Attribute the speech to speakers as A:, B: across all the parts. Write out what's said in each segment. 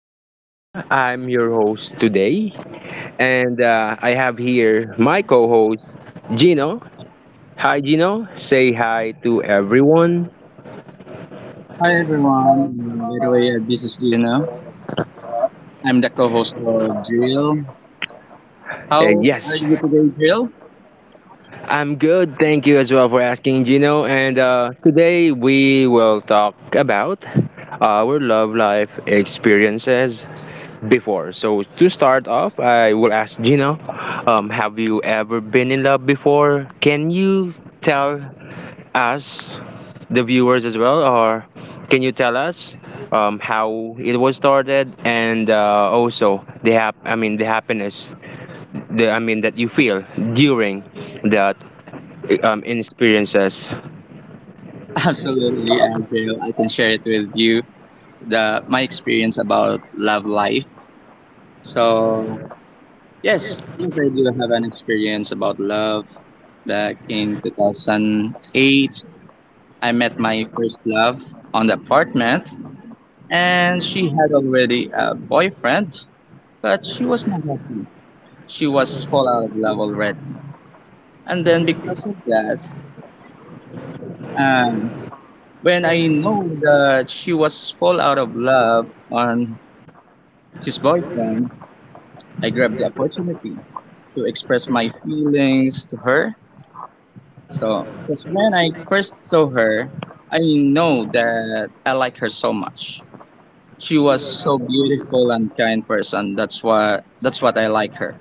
A: This is Daryl. I'm your host today, and I have here my co-host Gino. Hi, Gino. Say hi to everyone.
B: Hi everyone. This is Gino. I'm the co-host of Drill. How
A: Uh,
B: are
A: yes,
B: you today, Drill?
A: I'm good. Thank you as well for asking, Gino. And today we will talk about our love life experiences before. So to start off, I will ask Gino, have you ever been in love before? Can you tell us the viewers as well, or can you tell us how it was started and also the I mean the happiness, the I mean that you feel during that experiences.
B: Absolutely, Drill. I can share it with you the my experience about love life. So yes, I do have an experience about love. Back in 2008, I met my first love on the apartment, and she had already a boyfriend, but she was not happy. She was fall out of love already. And then because of that, um, when I know that she was fall out of love on his boyfriend, I grabbed the opportunity to express my feelings to her. So, because when I first saw her, I know that I like her so much. She was so beautiful and kind person. That's why that's what I like her.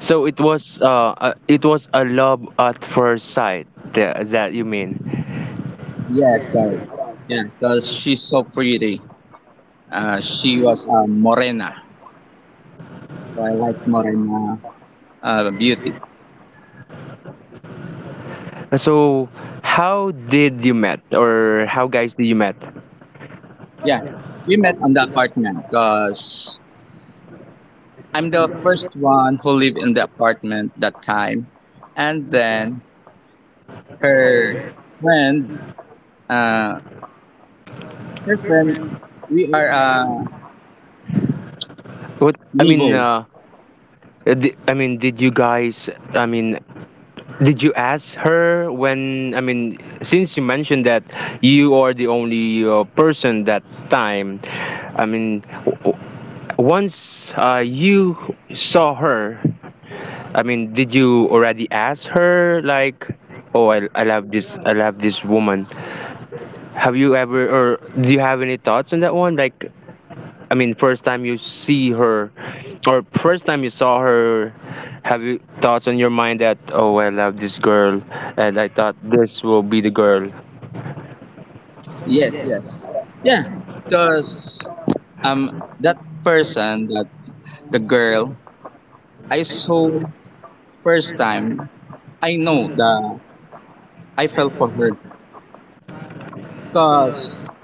A: So it was a love at first sight that you mean.
B: Yes, darling. Yeah, because she's so pretty. She was a morena, so I like morena beauty.
A: So how did you met or how guys did you met?
B: Yeah, we met on the apartment because I'm the first one who lived in the apartment that time, and then her friend, uh, her friend, we are
A: What I mean.
B: neighbors.
A: I mean, did you guys? I mean, did you ask her when, I mean, since you mentioned that you are the only person that time, I mean, once you saw her, I mean, did you already ask her, like, oh, I love this woman? Have you ever, or do you have any thoughts on that one? Like, I mean, first time you see her, or first time you saw her, have you thoughts on your mind that oh, I love this girl, and I thought this will be the girl.
B: Yes, yes, yeah, because um that that the girl I saw first time, I know that I fell for her because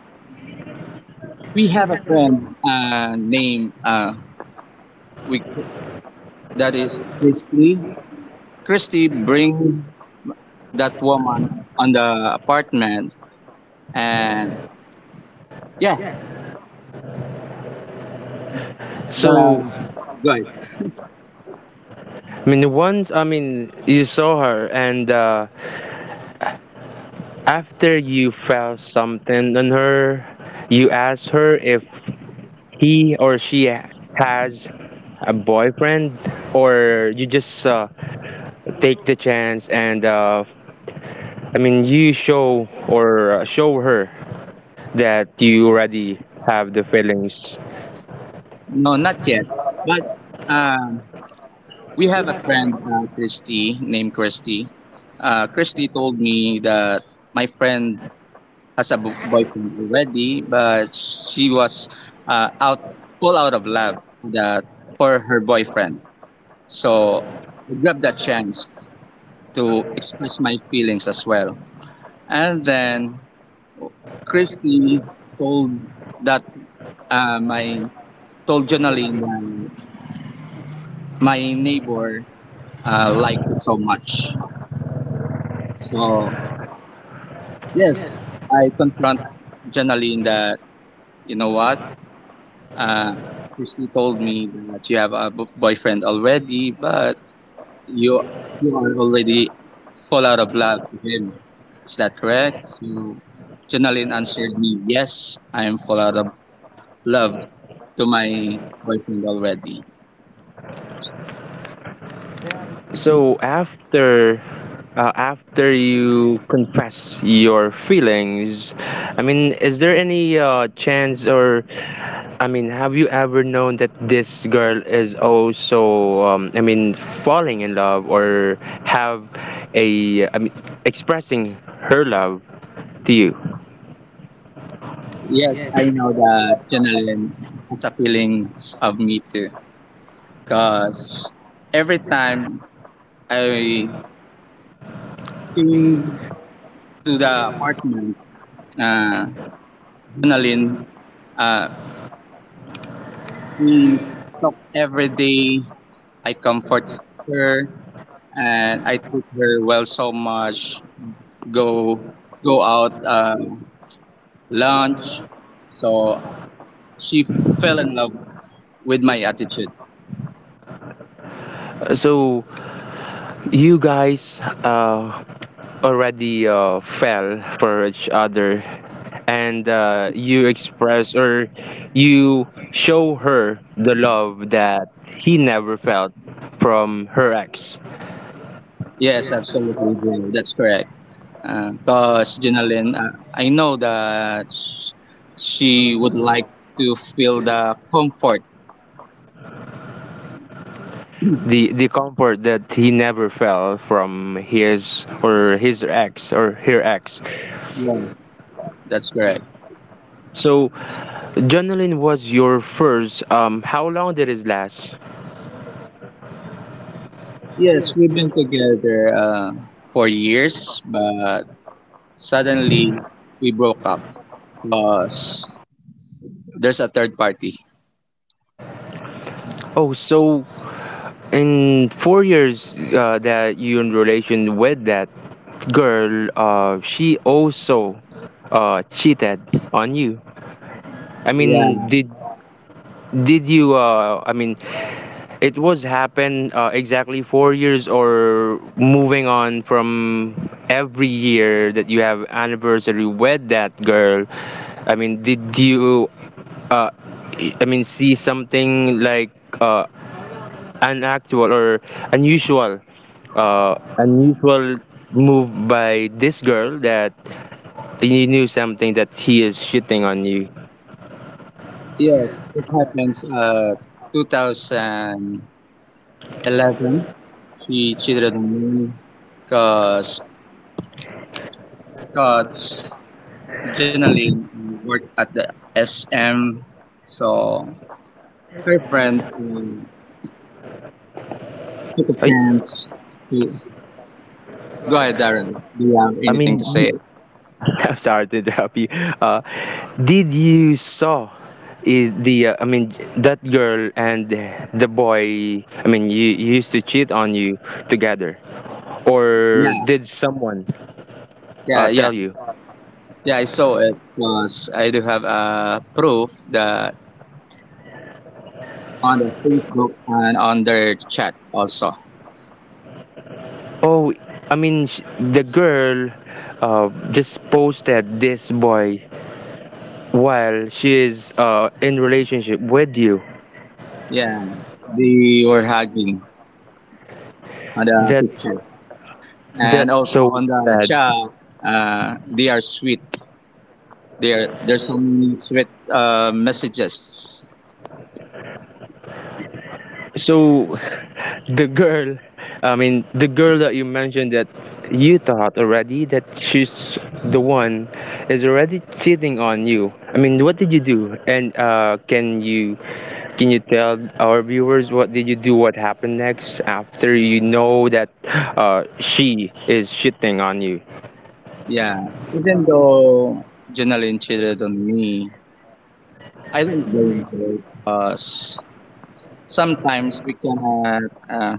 B: we have a friend named we that is Christy. Christy bring that woman on the apartment and yeah,
A: So,
B: the good.
A: I mean, once I mean you saw her, and after you felt something on her, you asked her if he or she has a boyfriend or you just take the chance and I mean you show or show her that you already have the feelings.
B: No, not yet. But um, we have a friend, named Christy. Christy told me that my friend has a boyfriend already, but she was uh, out, full out of love that for her boyfriend. So I grabbed that chance to express my feelings as well. And then Christy told that my told Jonaline that my neighbor liked it so much. So yes, I confront Jonaline that you know what uh, Christy told me that you have a boyfriend already, but you you are already fall out of love to him. Is that correct? So Jonaline answered me, yes, I am fall out of love to my boyfriend already.
A: So after after you confess your feelings, I mean, is there any chance or I mean, have you ever known that this girl is also I mean, falling in love or have a I mean, expressing her love to you?
B: Yes, I know that journaling has a feelings of me too. Cause every time I came to the apartment, uh, journaling, uh, we talk every day. I comfort her and I treat her well so much. Go go out lunch. So she fell in love with my attitude.
A: So you guys already fell for each other and you express or you show her the love that he never felt from her ex.
B: Yes, absolutely, Jill. That's correct. Because Jinalyn, I know that she would like to feel the comfort.
A: The comfort that he never felt from his or his ex or her ex.
B: Yes, that's correct.
A: So journaling was your first how long did it last?
B: Yes, we've been together for years, but suddenly we broke up because there's a third party.
A: Oh, so in 4 years that you in relation with that girl she also cheated on you. I mean,
B: Yeah.
A: did you? I mean, it was happen exactly 4 years or moving on from every year that you have anniversary with that girl. I mean, did you? Uh, I mean, see something like uh, unactual or unusual, unusual move by this girl that you knew something that he is shitting on you.
B: Yes, it happens. 2011, she cheated on me because originally worked at the SM. So her friend took a
A: I,
B: chance to go ahead, Darren. Do you have
A: I
B: anything to
A: mean,
B: say?
A: I'm sorry to interrupt you. Uh, did you saw the I mean that girl and the boy? I mean, you used to cheat on you together, or
B: Yeah,
A: did someone
B: yeah, yeah,
A: tell you?
B: yeah. I saw it because I do have proof that on the Facebook and on their chat also.
A: Oh, I mean, the girl just posted this boy while she is in relationship with you.
B: Yeah, they were hugging on the
A: That
B: picture and
A: that's
B: also
A: so
B: on the
A: sad.
B: chat. They are sweet. There's so many sweet messages.
A: So, the girl, I mean, the girl that you mentioned that you thought already that she's the one is already cheating on you. I mean, what did you do? And can you tell our viewers what did you do? What happened next after you know that she is cheating on you?
B: Yeah, even though Janelle cheated on me, I don't blame her because sometimes we cannot uh,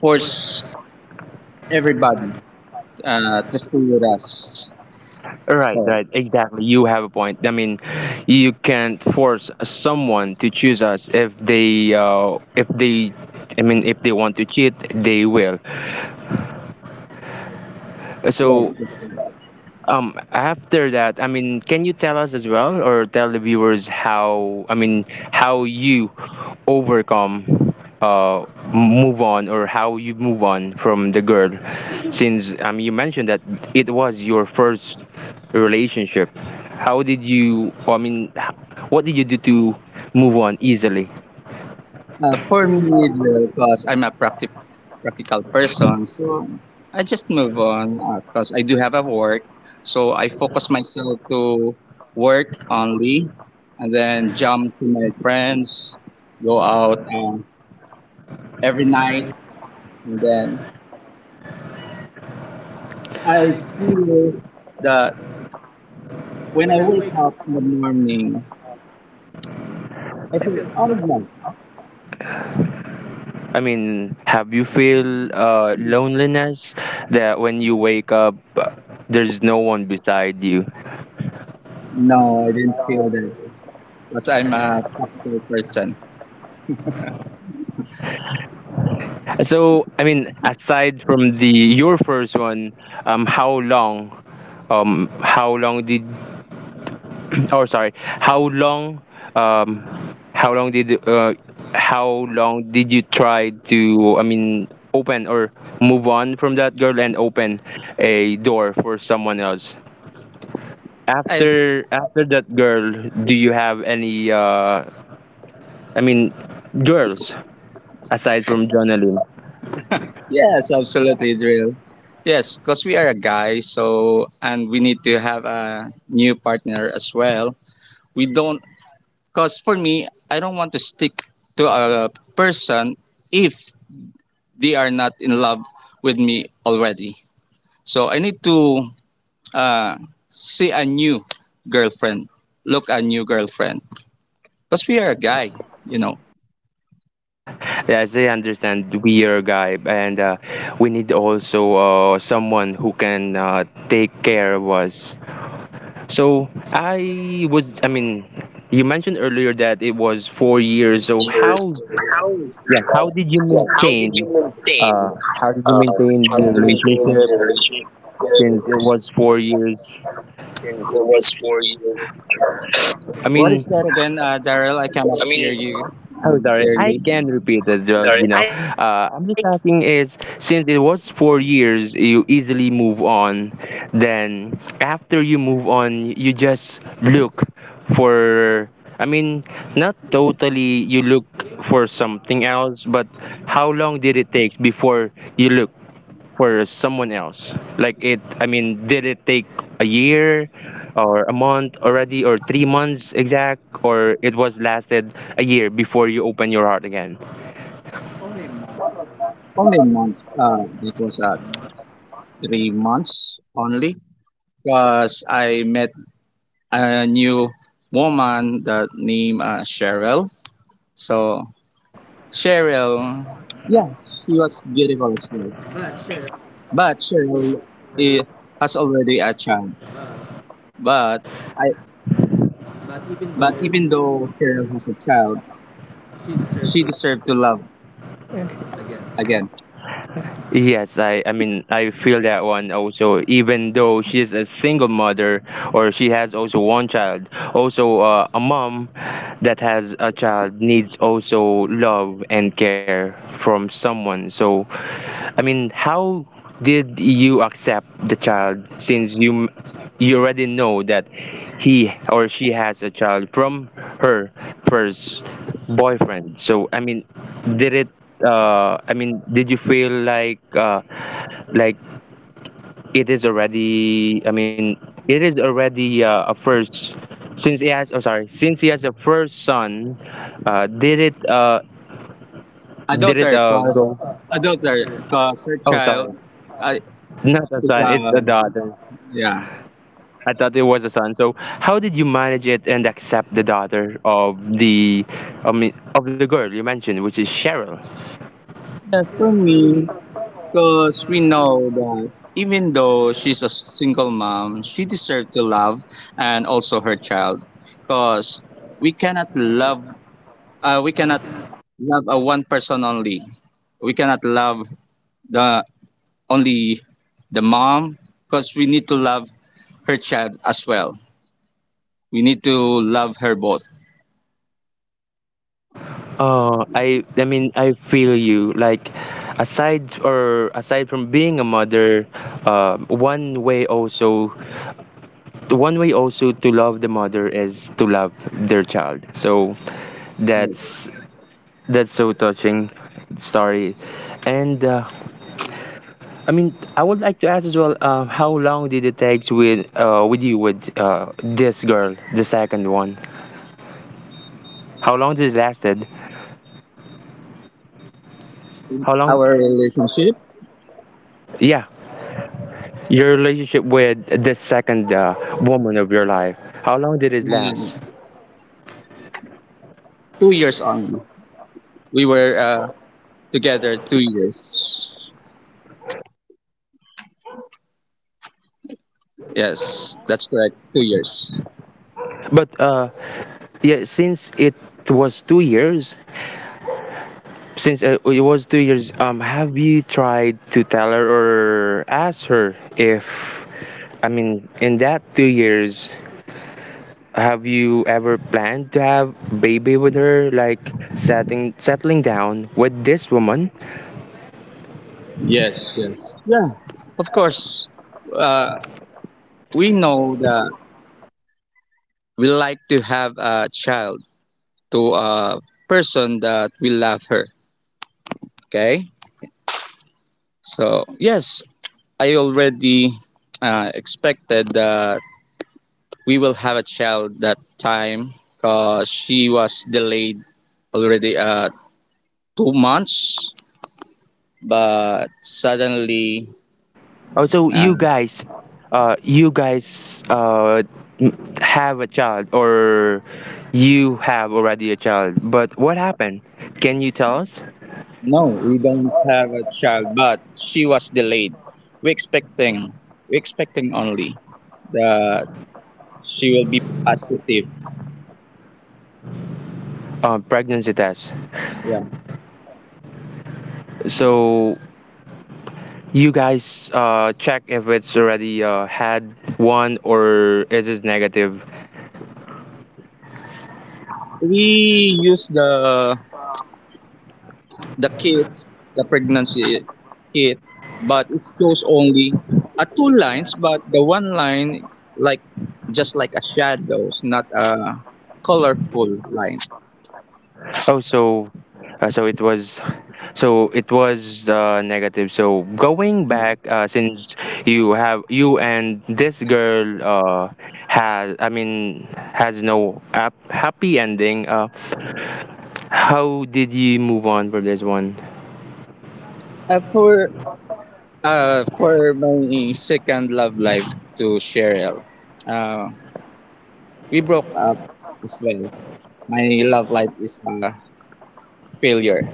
B: force everybody to stay with us.
A: Right,
B: So,
A: right, exactly. You have a point. I mean, you can't force someone to choose us if if they, I mean, if they want to cheat, they will.
B: yes,
A: So
B: yes,
A: After that, I mean, can you tell us as well, or tell the viewers how, I mean, how you overcome, uh, move on, or how you move on from the girl, since you mentioned that it was your first relationship. How did you, I mean, what did you do to move on easily?
B: For me, it will because I'm a practical person. So I just move on because I do have a work. So I focus myself to work only and then jump to my friends, go out every night. And then I feel that when I wake up in the morning, I feel, oh, yeah.
A: I mean, have you feel loneliness that when you wake up, there's no one beside you?
B: No, I didn't feel that because I'm a practical person.
A: So, I mean, aside from the your first one, um, how long, how long did, or sorry, um, how long did, uh, how long did you try to, I mean, open or move on from that girl and open a door for someone else?
B: I
A: After that girl, do you have any, I mean, girls aside from Jonalyn?
B: Yes, absolutely, Drill. Yes, because we are a guy, so and we need to have a new partner as well. We don't, because for me, I don't want to stick to a person if they are not in love with me already. So I need to uh, see a new girlfriend, look a new girlfriend, because we are a guy, you know.
A: Yes, I understand. We are a guy, and we need also someone who can take care of us. So I was, I mean, you mentioned earlier that it was 4 years. So how,
B: Years,
A: yeah, how
B: how
A: did you maintain?
B: yeah, how did you
A: How did you
B: maintain?
A: maintain the
B: Uh,
A: relationship
B: how did you maintain the
A: since it was four
B: relationship
A: years?
B: since it was for you?
A: I
B: What
A: mean,
B: is that again, Daryl? I cannot I mean, hear you
A: oh, sorry. I
B: clearly.
A: can repeat as well.
B: Sorry,
A: You know,
B: I
A: I'm just asking is since it was 4 years, you easily move on. Then after you move on, you just look for. I mean, not totally. You look for something else, but how long did it take before you look for someone else? Like it, I mean, did it take a year or a month already or 3 months exact or it was lasted a year before you open your heart again?
B: only months. It was 3 months only. Because I met a new woman that named Cheryl. So Cheryl, yeah, she was beautiful as well. But Cheryl eh, has already a child. But I. But even though Cheryl was a child, she deserved to love again.
A: Yes, I mean I feel that one also. Even though she is a single mother or she has also one child, also a mom that has a child needs also love and care from someone. So, I mean, how did you accept the child since you you already know that he or she has a child from her first boyfriend? So, I mean, did it I mean, did you feel like it is already? I mean, it is already a first since he has. Oh, sorry, since he has a first son. Uh, did it? Uh,
B: A
A: did it
B: daughter, cause
A: go?
B: a daughter, cause her
A: Oh,
B: child
A: sorry,
B: uh,
A: not a
B: is
A: son. It's
B: a
A: a daughter.
B: yeah.
A: I thought it was a son. So, how did you manage it and accept the daughter of the, I mean, of the girl you mentioned, which is Cheryl?
B: But for me, cause we know that even though she's a single mom, she deserved to love and also her child, cause we cannot love. We cannot love a one person only. We cannot love the only the mom because we need to love her child as well. We need to love her both.
A: Oh, I mean I feel you. Like aside from being a mother, uh, one way also one way also to love the mother is to love their child. So
B: Yes.
A: that's that's so touching story. And I mean I would like to ask as well how long did it take with you with this girl, the second one? How long did it lasted? How
B: Our
A: long?
B: relationship,
A: Yeah. Your relationship with the second woman of your life. How long did it
B: uh,
A: last?
B: 2 years on. We were together 2 years. Yes, that's correct. 2 years.
A: But yeah, since it was 2 years, since it was 2 years, have you tried to tell her or ask her if, I mean, in that 2 years, have you ever planned to have baby with her, like setting settling down with this woman?
B: Yes. Yeah, of course. Uh, we know that we like to have a child to a person that we love her. Okay? So, yes, I already expected that we will have a child that time because she was delayed already 2 months, but suddenly
A: Also,
B: uh,
A: you guys have a child, or you have already a child. But what happened? Can you tell us?
B: no, we don't have a child, but she was delayed. We expecting we expecting only that she will be positive.
A: Pregnancy test.
B: Yeah,
A: So you guys check if it's already had one or is it negative.
B: we use the kit, the pregnancy kit, but it shows only two lines, but the one line like just like a shadows, not a colorful line.
A: Oh, so uh, so it was so it was negative. So going
B: Yeah.
A: back, since you have you and this girl has I mean has no happy ending. How did you move on from this one?
B: Uh, for for my second love life to Cheryl, uh, we broke up as well. My love life is a failure.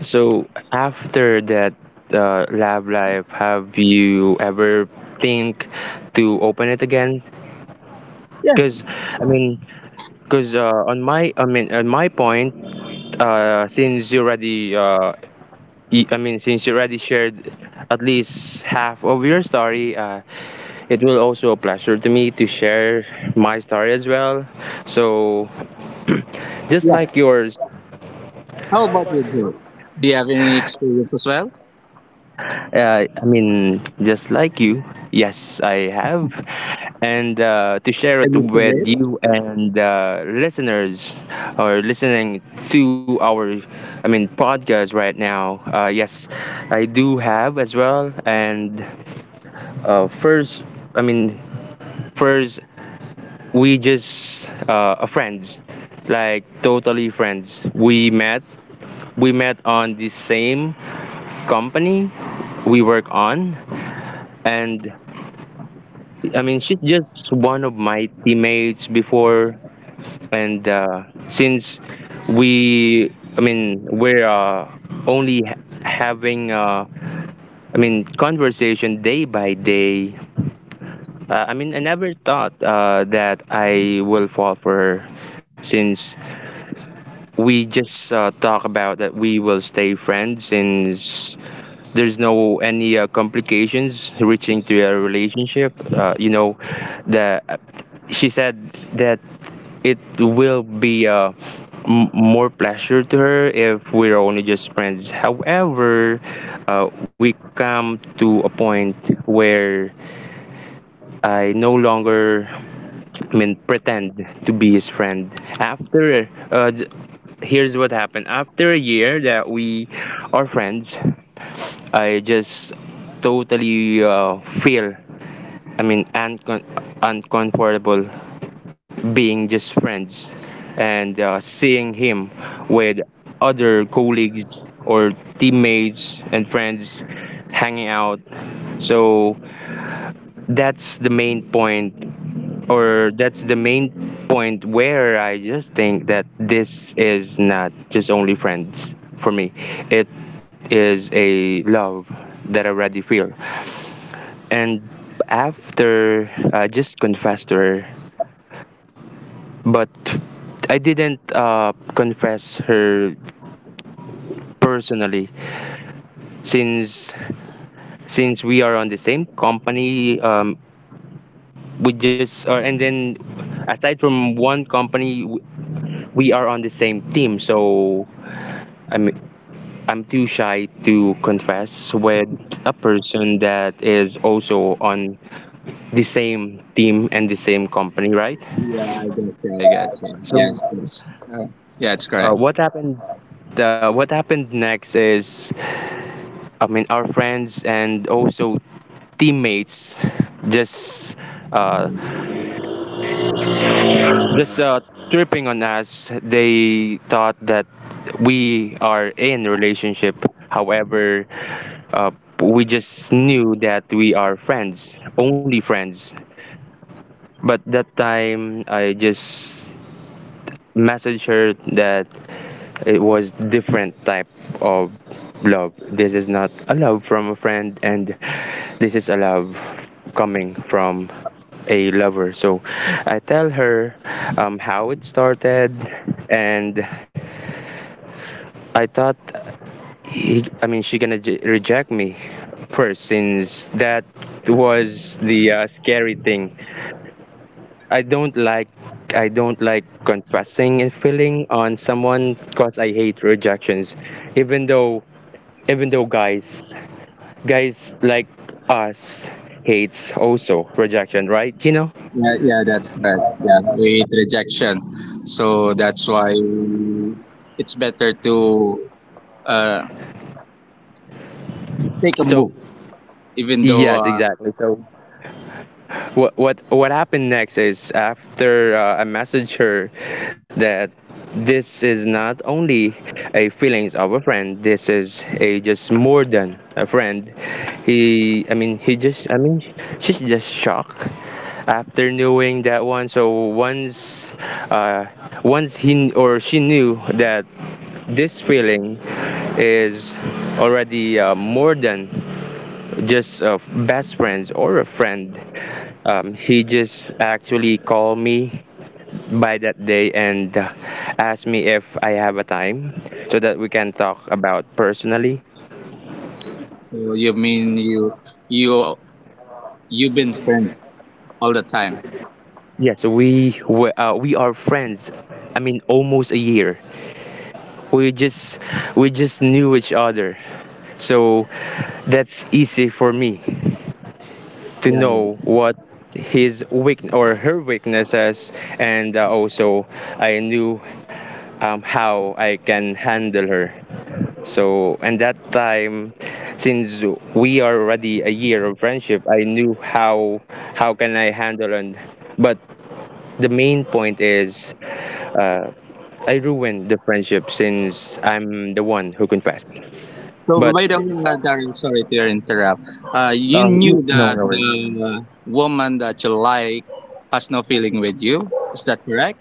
A: So after that lab life, have you ever think to open it again?
B: Yeah,
A: Because I mean, because on my I mean on my point. Since you already I mean since you already shared at least half of your story, it will also a pleasure to me to share my story as well. So just
B: yeah.
A: like yours,
B: How about you, Joe? Do you have any experience as well?
A: I mean just like you, yes, I have, and to share it
B: Can you share
A: with
B: it?
A: you and listeners or listening to our I mean podcast right now. Yes, I do have as well, and first i mean first we just friends like totally friends we met on the same company we work on and she's just one of my teammates before and since we're having conversation day by day. I mean, I never thought that I will fall for her since we just talk about that we will stay friends since there's no any complications reaching to a relationship. You know, the she said that it will be more pleasure to her if we're only just friends. However, we come to a point where I no longer I mean, pretend to be his friend. After, here's what happened. After a year that we are friends, I just totally feel, I mean, uncomfortable being just friends and seeing him with other colleagues or teammates and friends hanging out. So that's the main point that's the main point where I just think that this is not just only friends for me. It is a love that I already feel. And after I just confessed to her, but I didn't confess her personally, since since we are on the same company, we just or and then aside from one company, we are on the same team. So I mean, I'm too shy to confess with a person that is also on the same team and the same company, right?
B: Yeah, I got you. I got you.
A: So,
B: Yes, that's yeah, it's correct.
A: what happened? What happened next is, I mean, our friends and also teammates just uh, just tripping on us. They thought that we are in relationship. However, uh, we just knew that we are friends, only friends. But that time I just messaged her that it was different type of love. This is not a love from a friend, and this is a love coming from a lover. So I tell her, how it started. And I thought he, I mean she gonna reject me first, since that was the scary thing. I don't like, I don't like confessing and feeling on someone because I hate rejections. Even though even though guys like us hates also rejection, right? You know?
B: Yeah, yeah, that's correct. Yeah, with rejection, so that's why it's better to uh, take a
A: So
B: move, even though
A: yes, exactly. So what happened next is, after I messaged her that this is not only a feelings of a friend, this is a just more than a friend, he just I mean she's just shocked after knowing that one. So once, uh, once he kn- or she knew that this feeling is already more than just best friends or a friend, he just actually called me by that day, and asked me if I have a time so that we can talk about personally.
B: so you mean you you've been friends all the time.
A: Yes, we are friends, I mean, almost a year. We just we just knew each other, so that's easy for me to
B: Yeah.
A: know what his weak or her weaknesses, and also I knew, how I can handle her. So, and that time, since we are already a year of friendship, I knew how can I handle and. But the main point is, uh, I ruined the friendship, since I'm the one who confessed.
B: So
A: But
B: by the way, Darren, sorry to interrupt. You knew
A: no,
B: that
A: no worries.
B: the woman that you like has no feeling with you. Is that correct?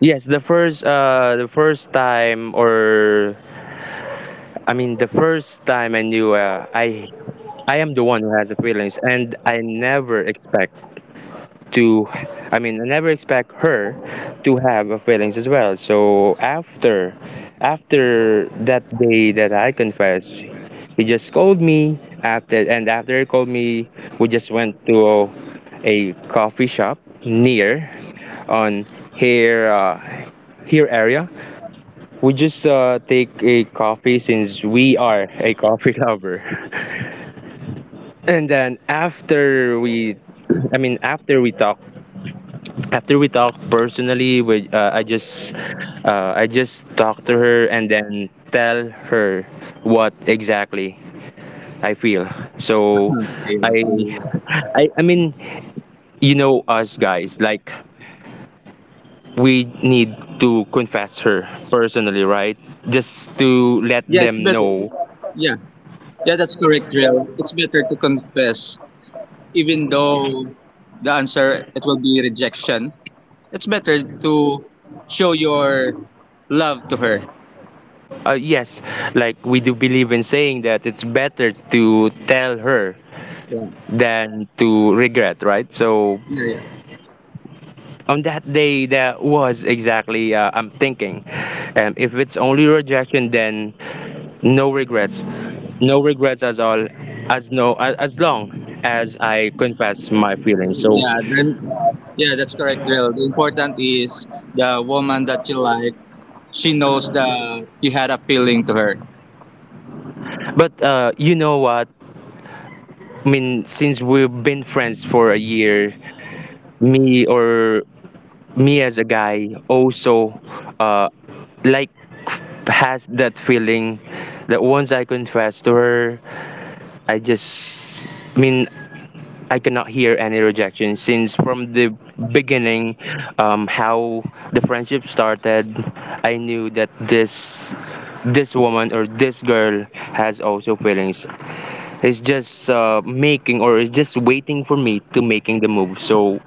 A: Yes, the first time, or I mean, the first time I knew, I am the one who has the feelings, and I never expect to I mean I never expect her to have a feelings as well. So after, that day that I confessed, he just called me after, and after he called me, we just went to a coffee shop near on here here area. We just take a coffee since we are a coffee lover. And then, after we I mean after we talk personally, we I just talk to her, and then tell her what exactly I feel. So
B: Okay,
A: i
B: okay.
A: I, I mean, you know, us guys, like, we need to confess her personally, right? Just to let
B: Yeah, it's
A: them
B: better.
A: know.
B: Yeah, yeah, that's correct, Real. It's better to confess, even though the answer it will be rejection. It's better to show your love to her.
A: Yes, like, we do believe in saying that it's better to tell her
B: Yeah,
A: than to regret, right? So
B: yeah, yeah,
A: on that day, that was exactly I'm thinking, if it's only rejection, then no regrets no regrets at all, as no a- as long as I confess my feelings. So
B: yeah. Then, yeah, that's correct, Real. The important is the woman that you like. She knows that you had a feeling to her.
A: but you know what I mean, since we've been friends for a year, me or me as a guy also, uh, like, has that feeling that once I confess to her, I just, I mean, I cannot hear any rejection, since from the beginning, how the friendship started, I knew that this woman or this girl has also feelings. It's just making or it's just waiting for me to making the move. So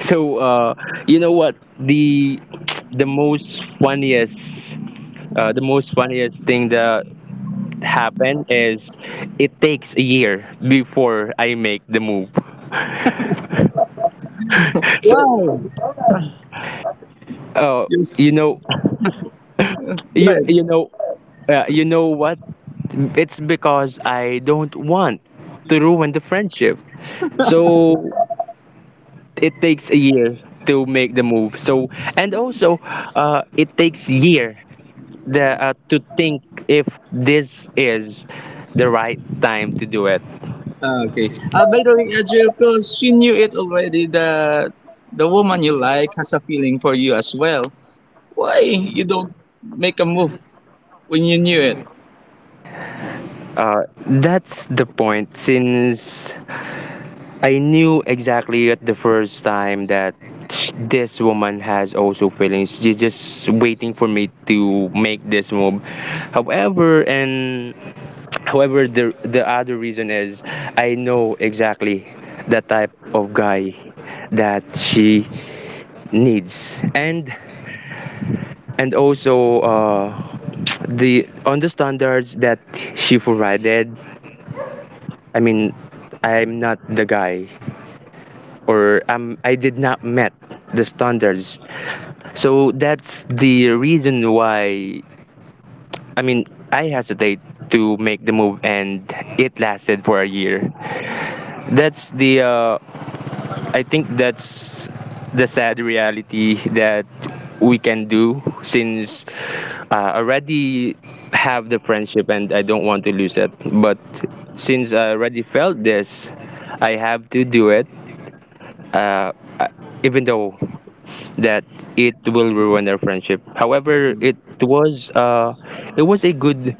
A: so uh, you know what the most funniest the most funniest thing that happened is it takes a year before I make the move. So
B: Wow. Ah,
A: Oh,
B: yes.
A: you know,
B: Why?
A: you you know, you know what? It's because I don't want to ruin the friendship. So it takes a year to make the move. So, and also, it takes year, the to think if this is the right time to do it.
B: Ah, okay. By the way, Adriel, because she knew it already that the woman you like has a feeling for you as well. Why you don't make a move when you knew it?
A: Uh, that's the point. Since I knew exactly at the first time that this woman has also feelings, she's just waiting for me to make this move. However, and however, the other reason is, I know exactly the type of guy that she needs, and also, the on the standards that she provided. I mean, I'm not the guy, or I did not met the standards. So that's the reason why, I mean, I hesitate to make the move, and it lasted for a year. That's the I think that's the sad reality that we can do, since already have the friendship, and I don't want to lose it. But since I already felt this, I have to do it. Uh, I- Even though that it will ruin our friendship. However, it was a good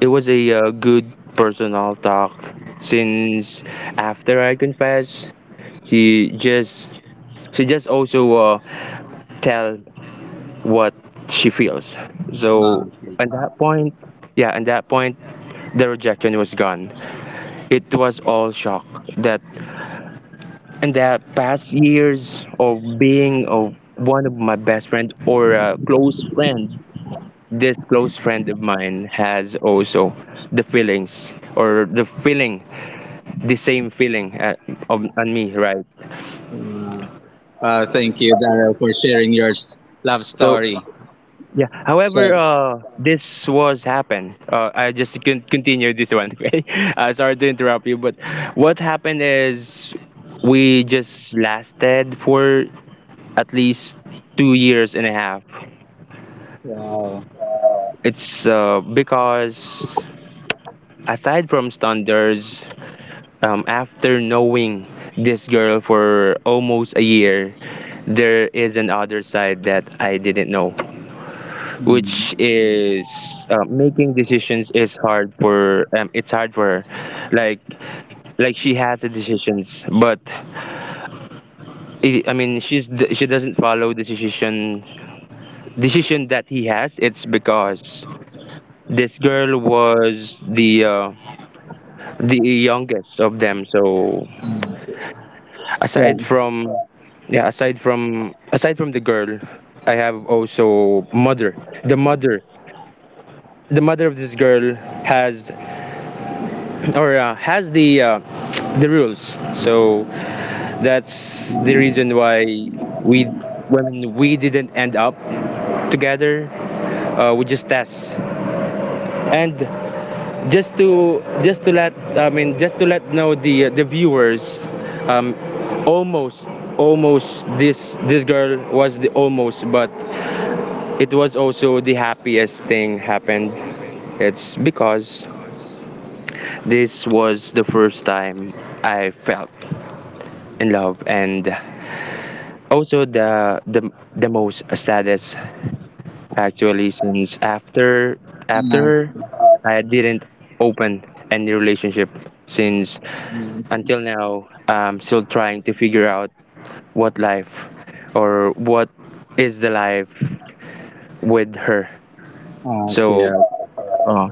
A: it was a good personal talk, since after I confess, she just she just also tell what she feels.
B: Ah,
A: So
B: okay.
A: at that point, yeah, at that point, the rejection was gone. It was all shock that in the past years of being of one of my best friend or a close friend, this close friend of mine has also the feelings or the feeling the same feeling on me, right?
B: Uh, Thank you, Daryl, for sharing your love
A: So
B: story.
A: yeah,
B: So,
A: however, this was happened. I just can continue this one. Okay, sorry to interrupt you, but what happened is, we just lasted for at least 2 years and a half.
B: wow.
A: It's because, aside from standards, after knowing this girl for almost a year, there is another side that I didn't know, which
B: Mm,
A: is making decisions is hard for, it's hard for her. Like she has the decisions, but I mean, she doesn't follow the decision that he has. It's because this girl was the youngest of them, so
B: yeah.
A: aside from yeah aside from the girl, I have also mother, the mother the mother of this girl has or has the the rules. So that's the reason why we when we didn't end up together, we just test, and just to let know the viewers, um almost almost this girl was the almost. But it was also the happiest thing happened. It's because this was the first time I felt in love, and also the most saddest, actually, since after
B: Uh,
A: her, I didn't open any relationship since.
B: mm,
A: Until now, I'm still trying to figure out what life what is the life with her.
B: okay.
A: So uh,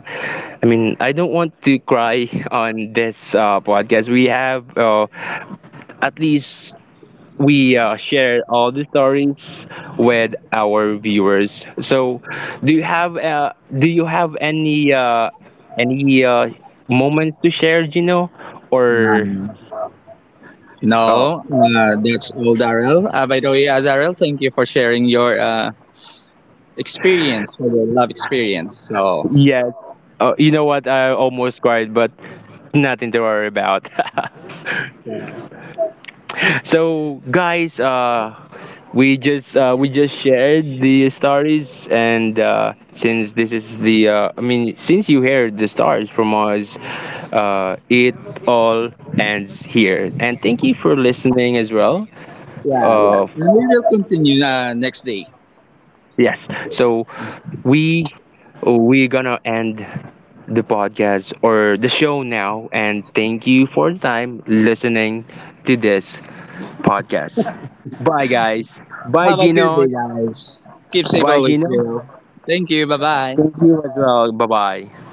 A: I mean, I don't want to cry on this podcast we have. At least we share all the stories with our viewers. So do you have, any, any uh, moments to share, Gino, or?
B: um,
A: uh,
B: no, that's all, Daryl. By the way, Daryl, thank you for sharing your experience, for your love experience. So,
A: Yes. You know what? I almost cried, but nothing to worry about. So, guys, we just shared the stories, and since this is the I mean, since you heard the stories from us, it all ends here. And thank you for listening as well.
B: yeah, yeah.
A: Uh,
B: And we will continue next day.
A: yes. So we we gonna end the podcast or the show now. And thank you for the time listening to this podcast. Bye, guys. Bye,
B: Have a good
A: Gino.
B: day, guys. Keep safe
A: Bye,
B: always,
A: Gino.
B: Zero. Thank you. Bye bye.
A: Thank you as well. Bye bye.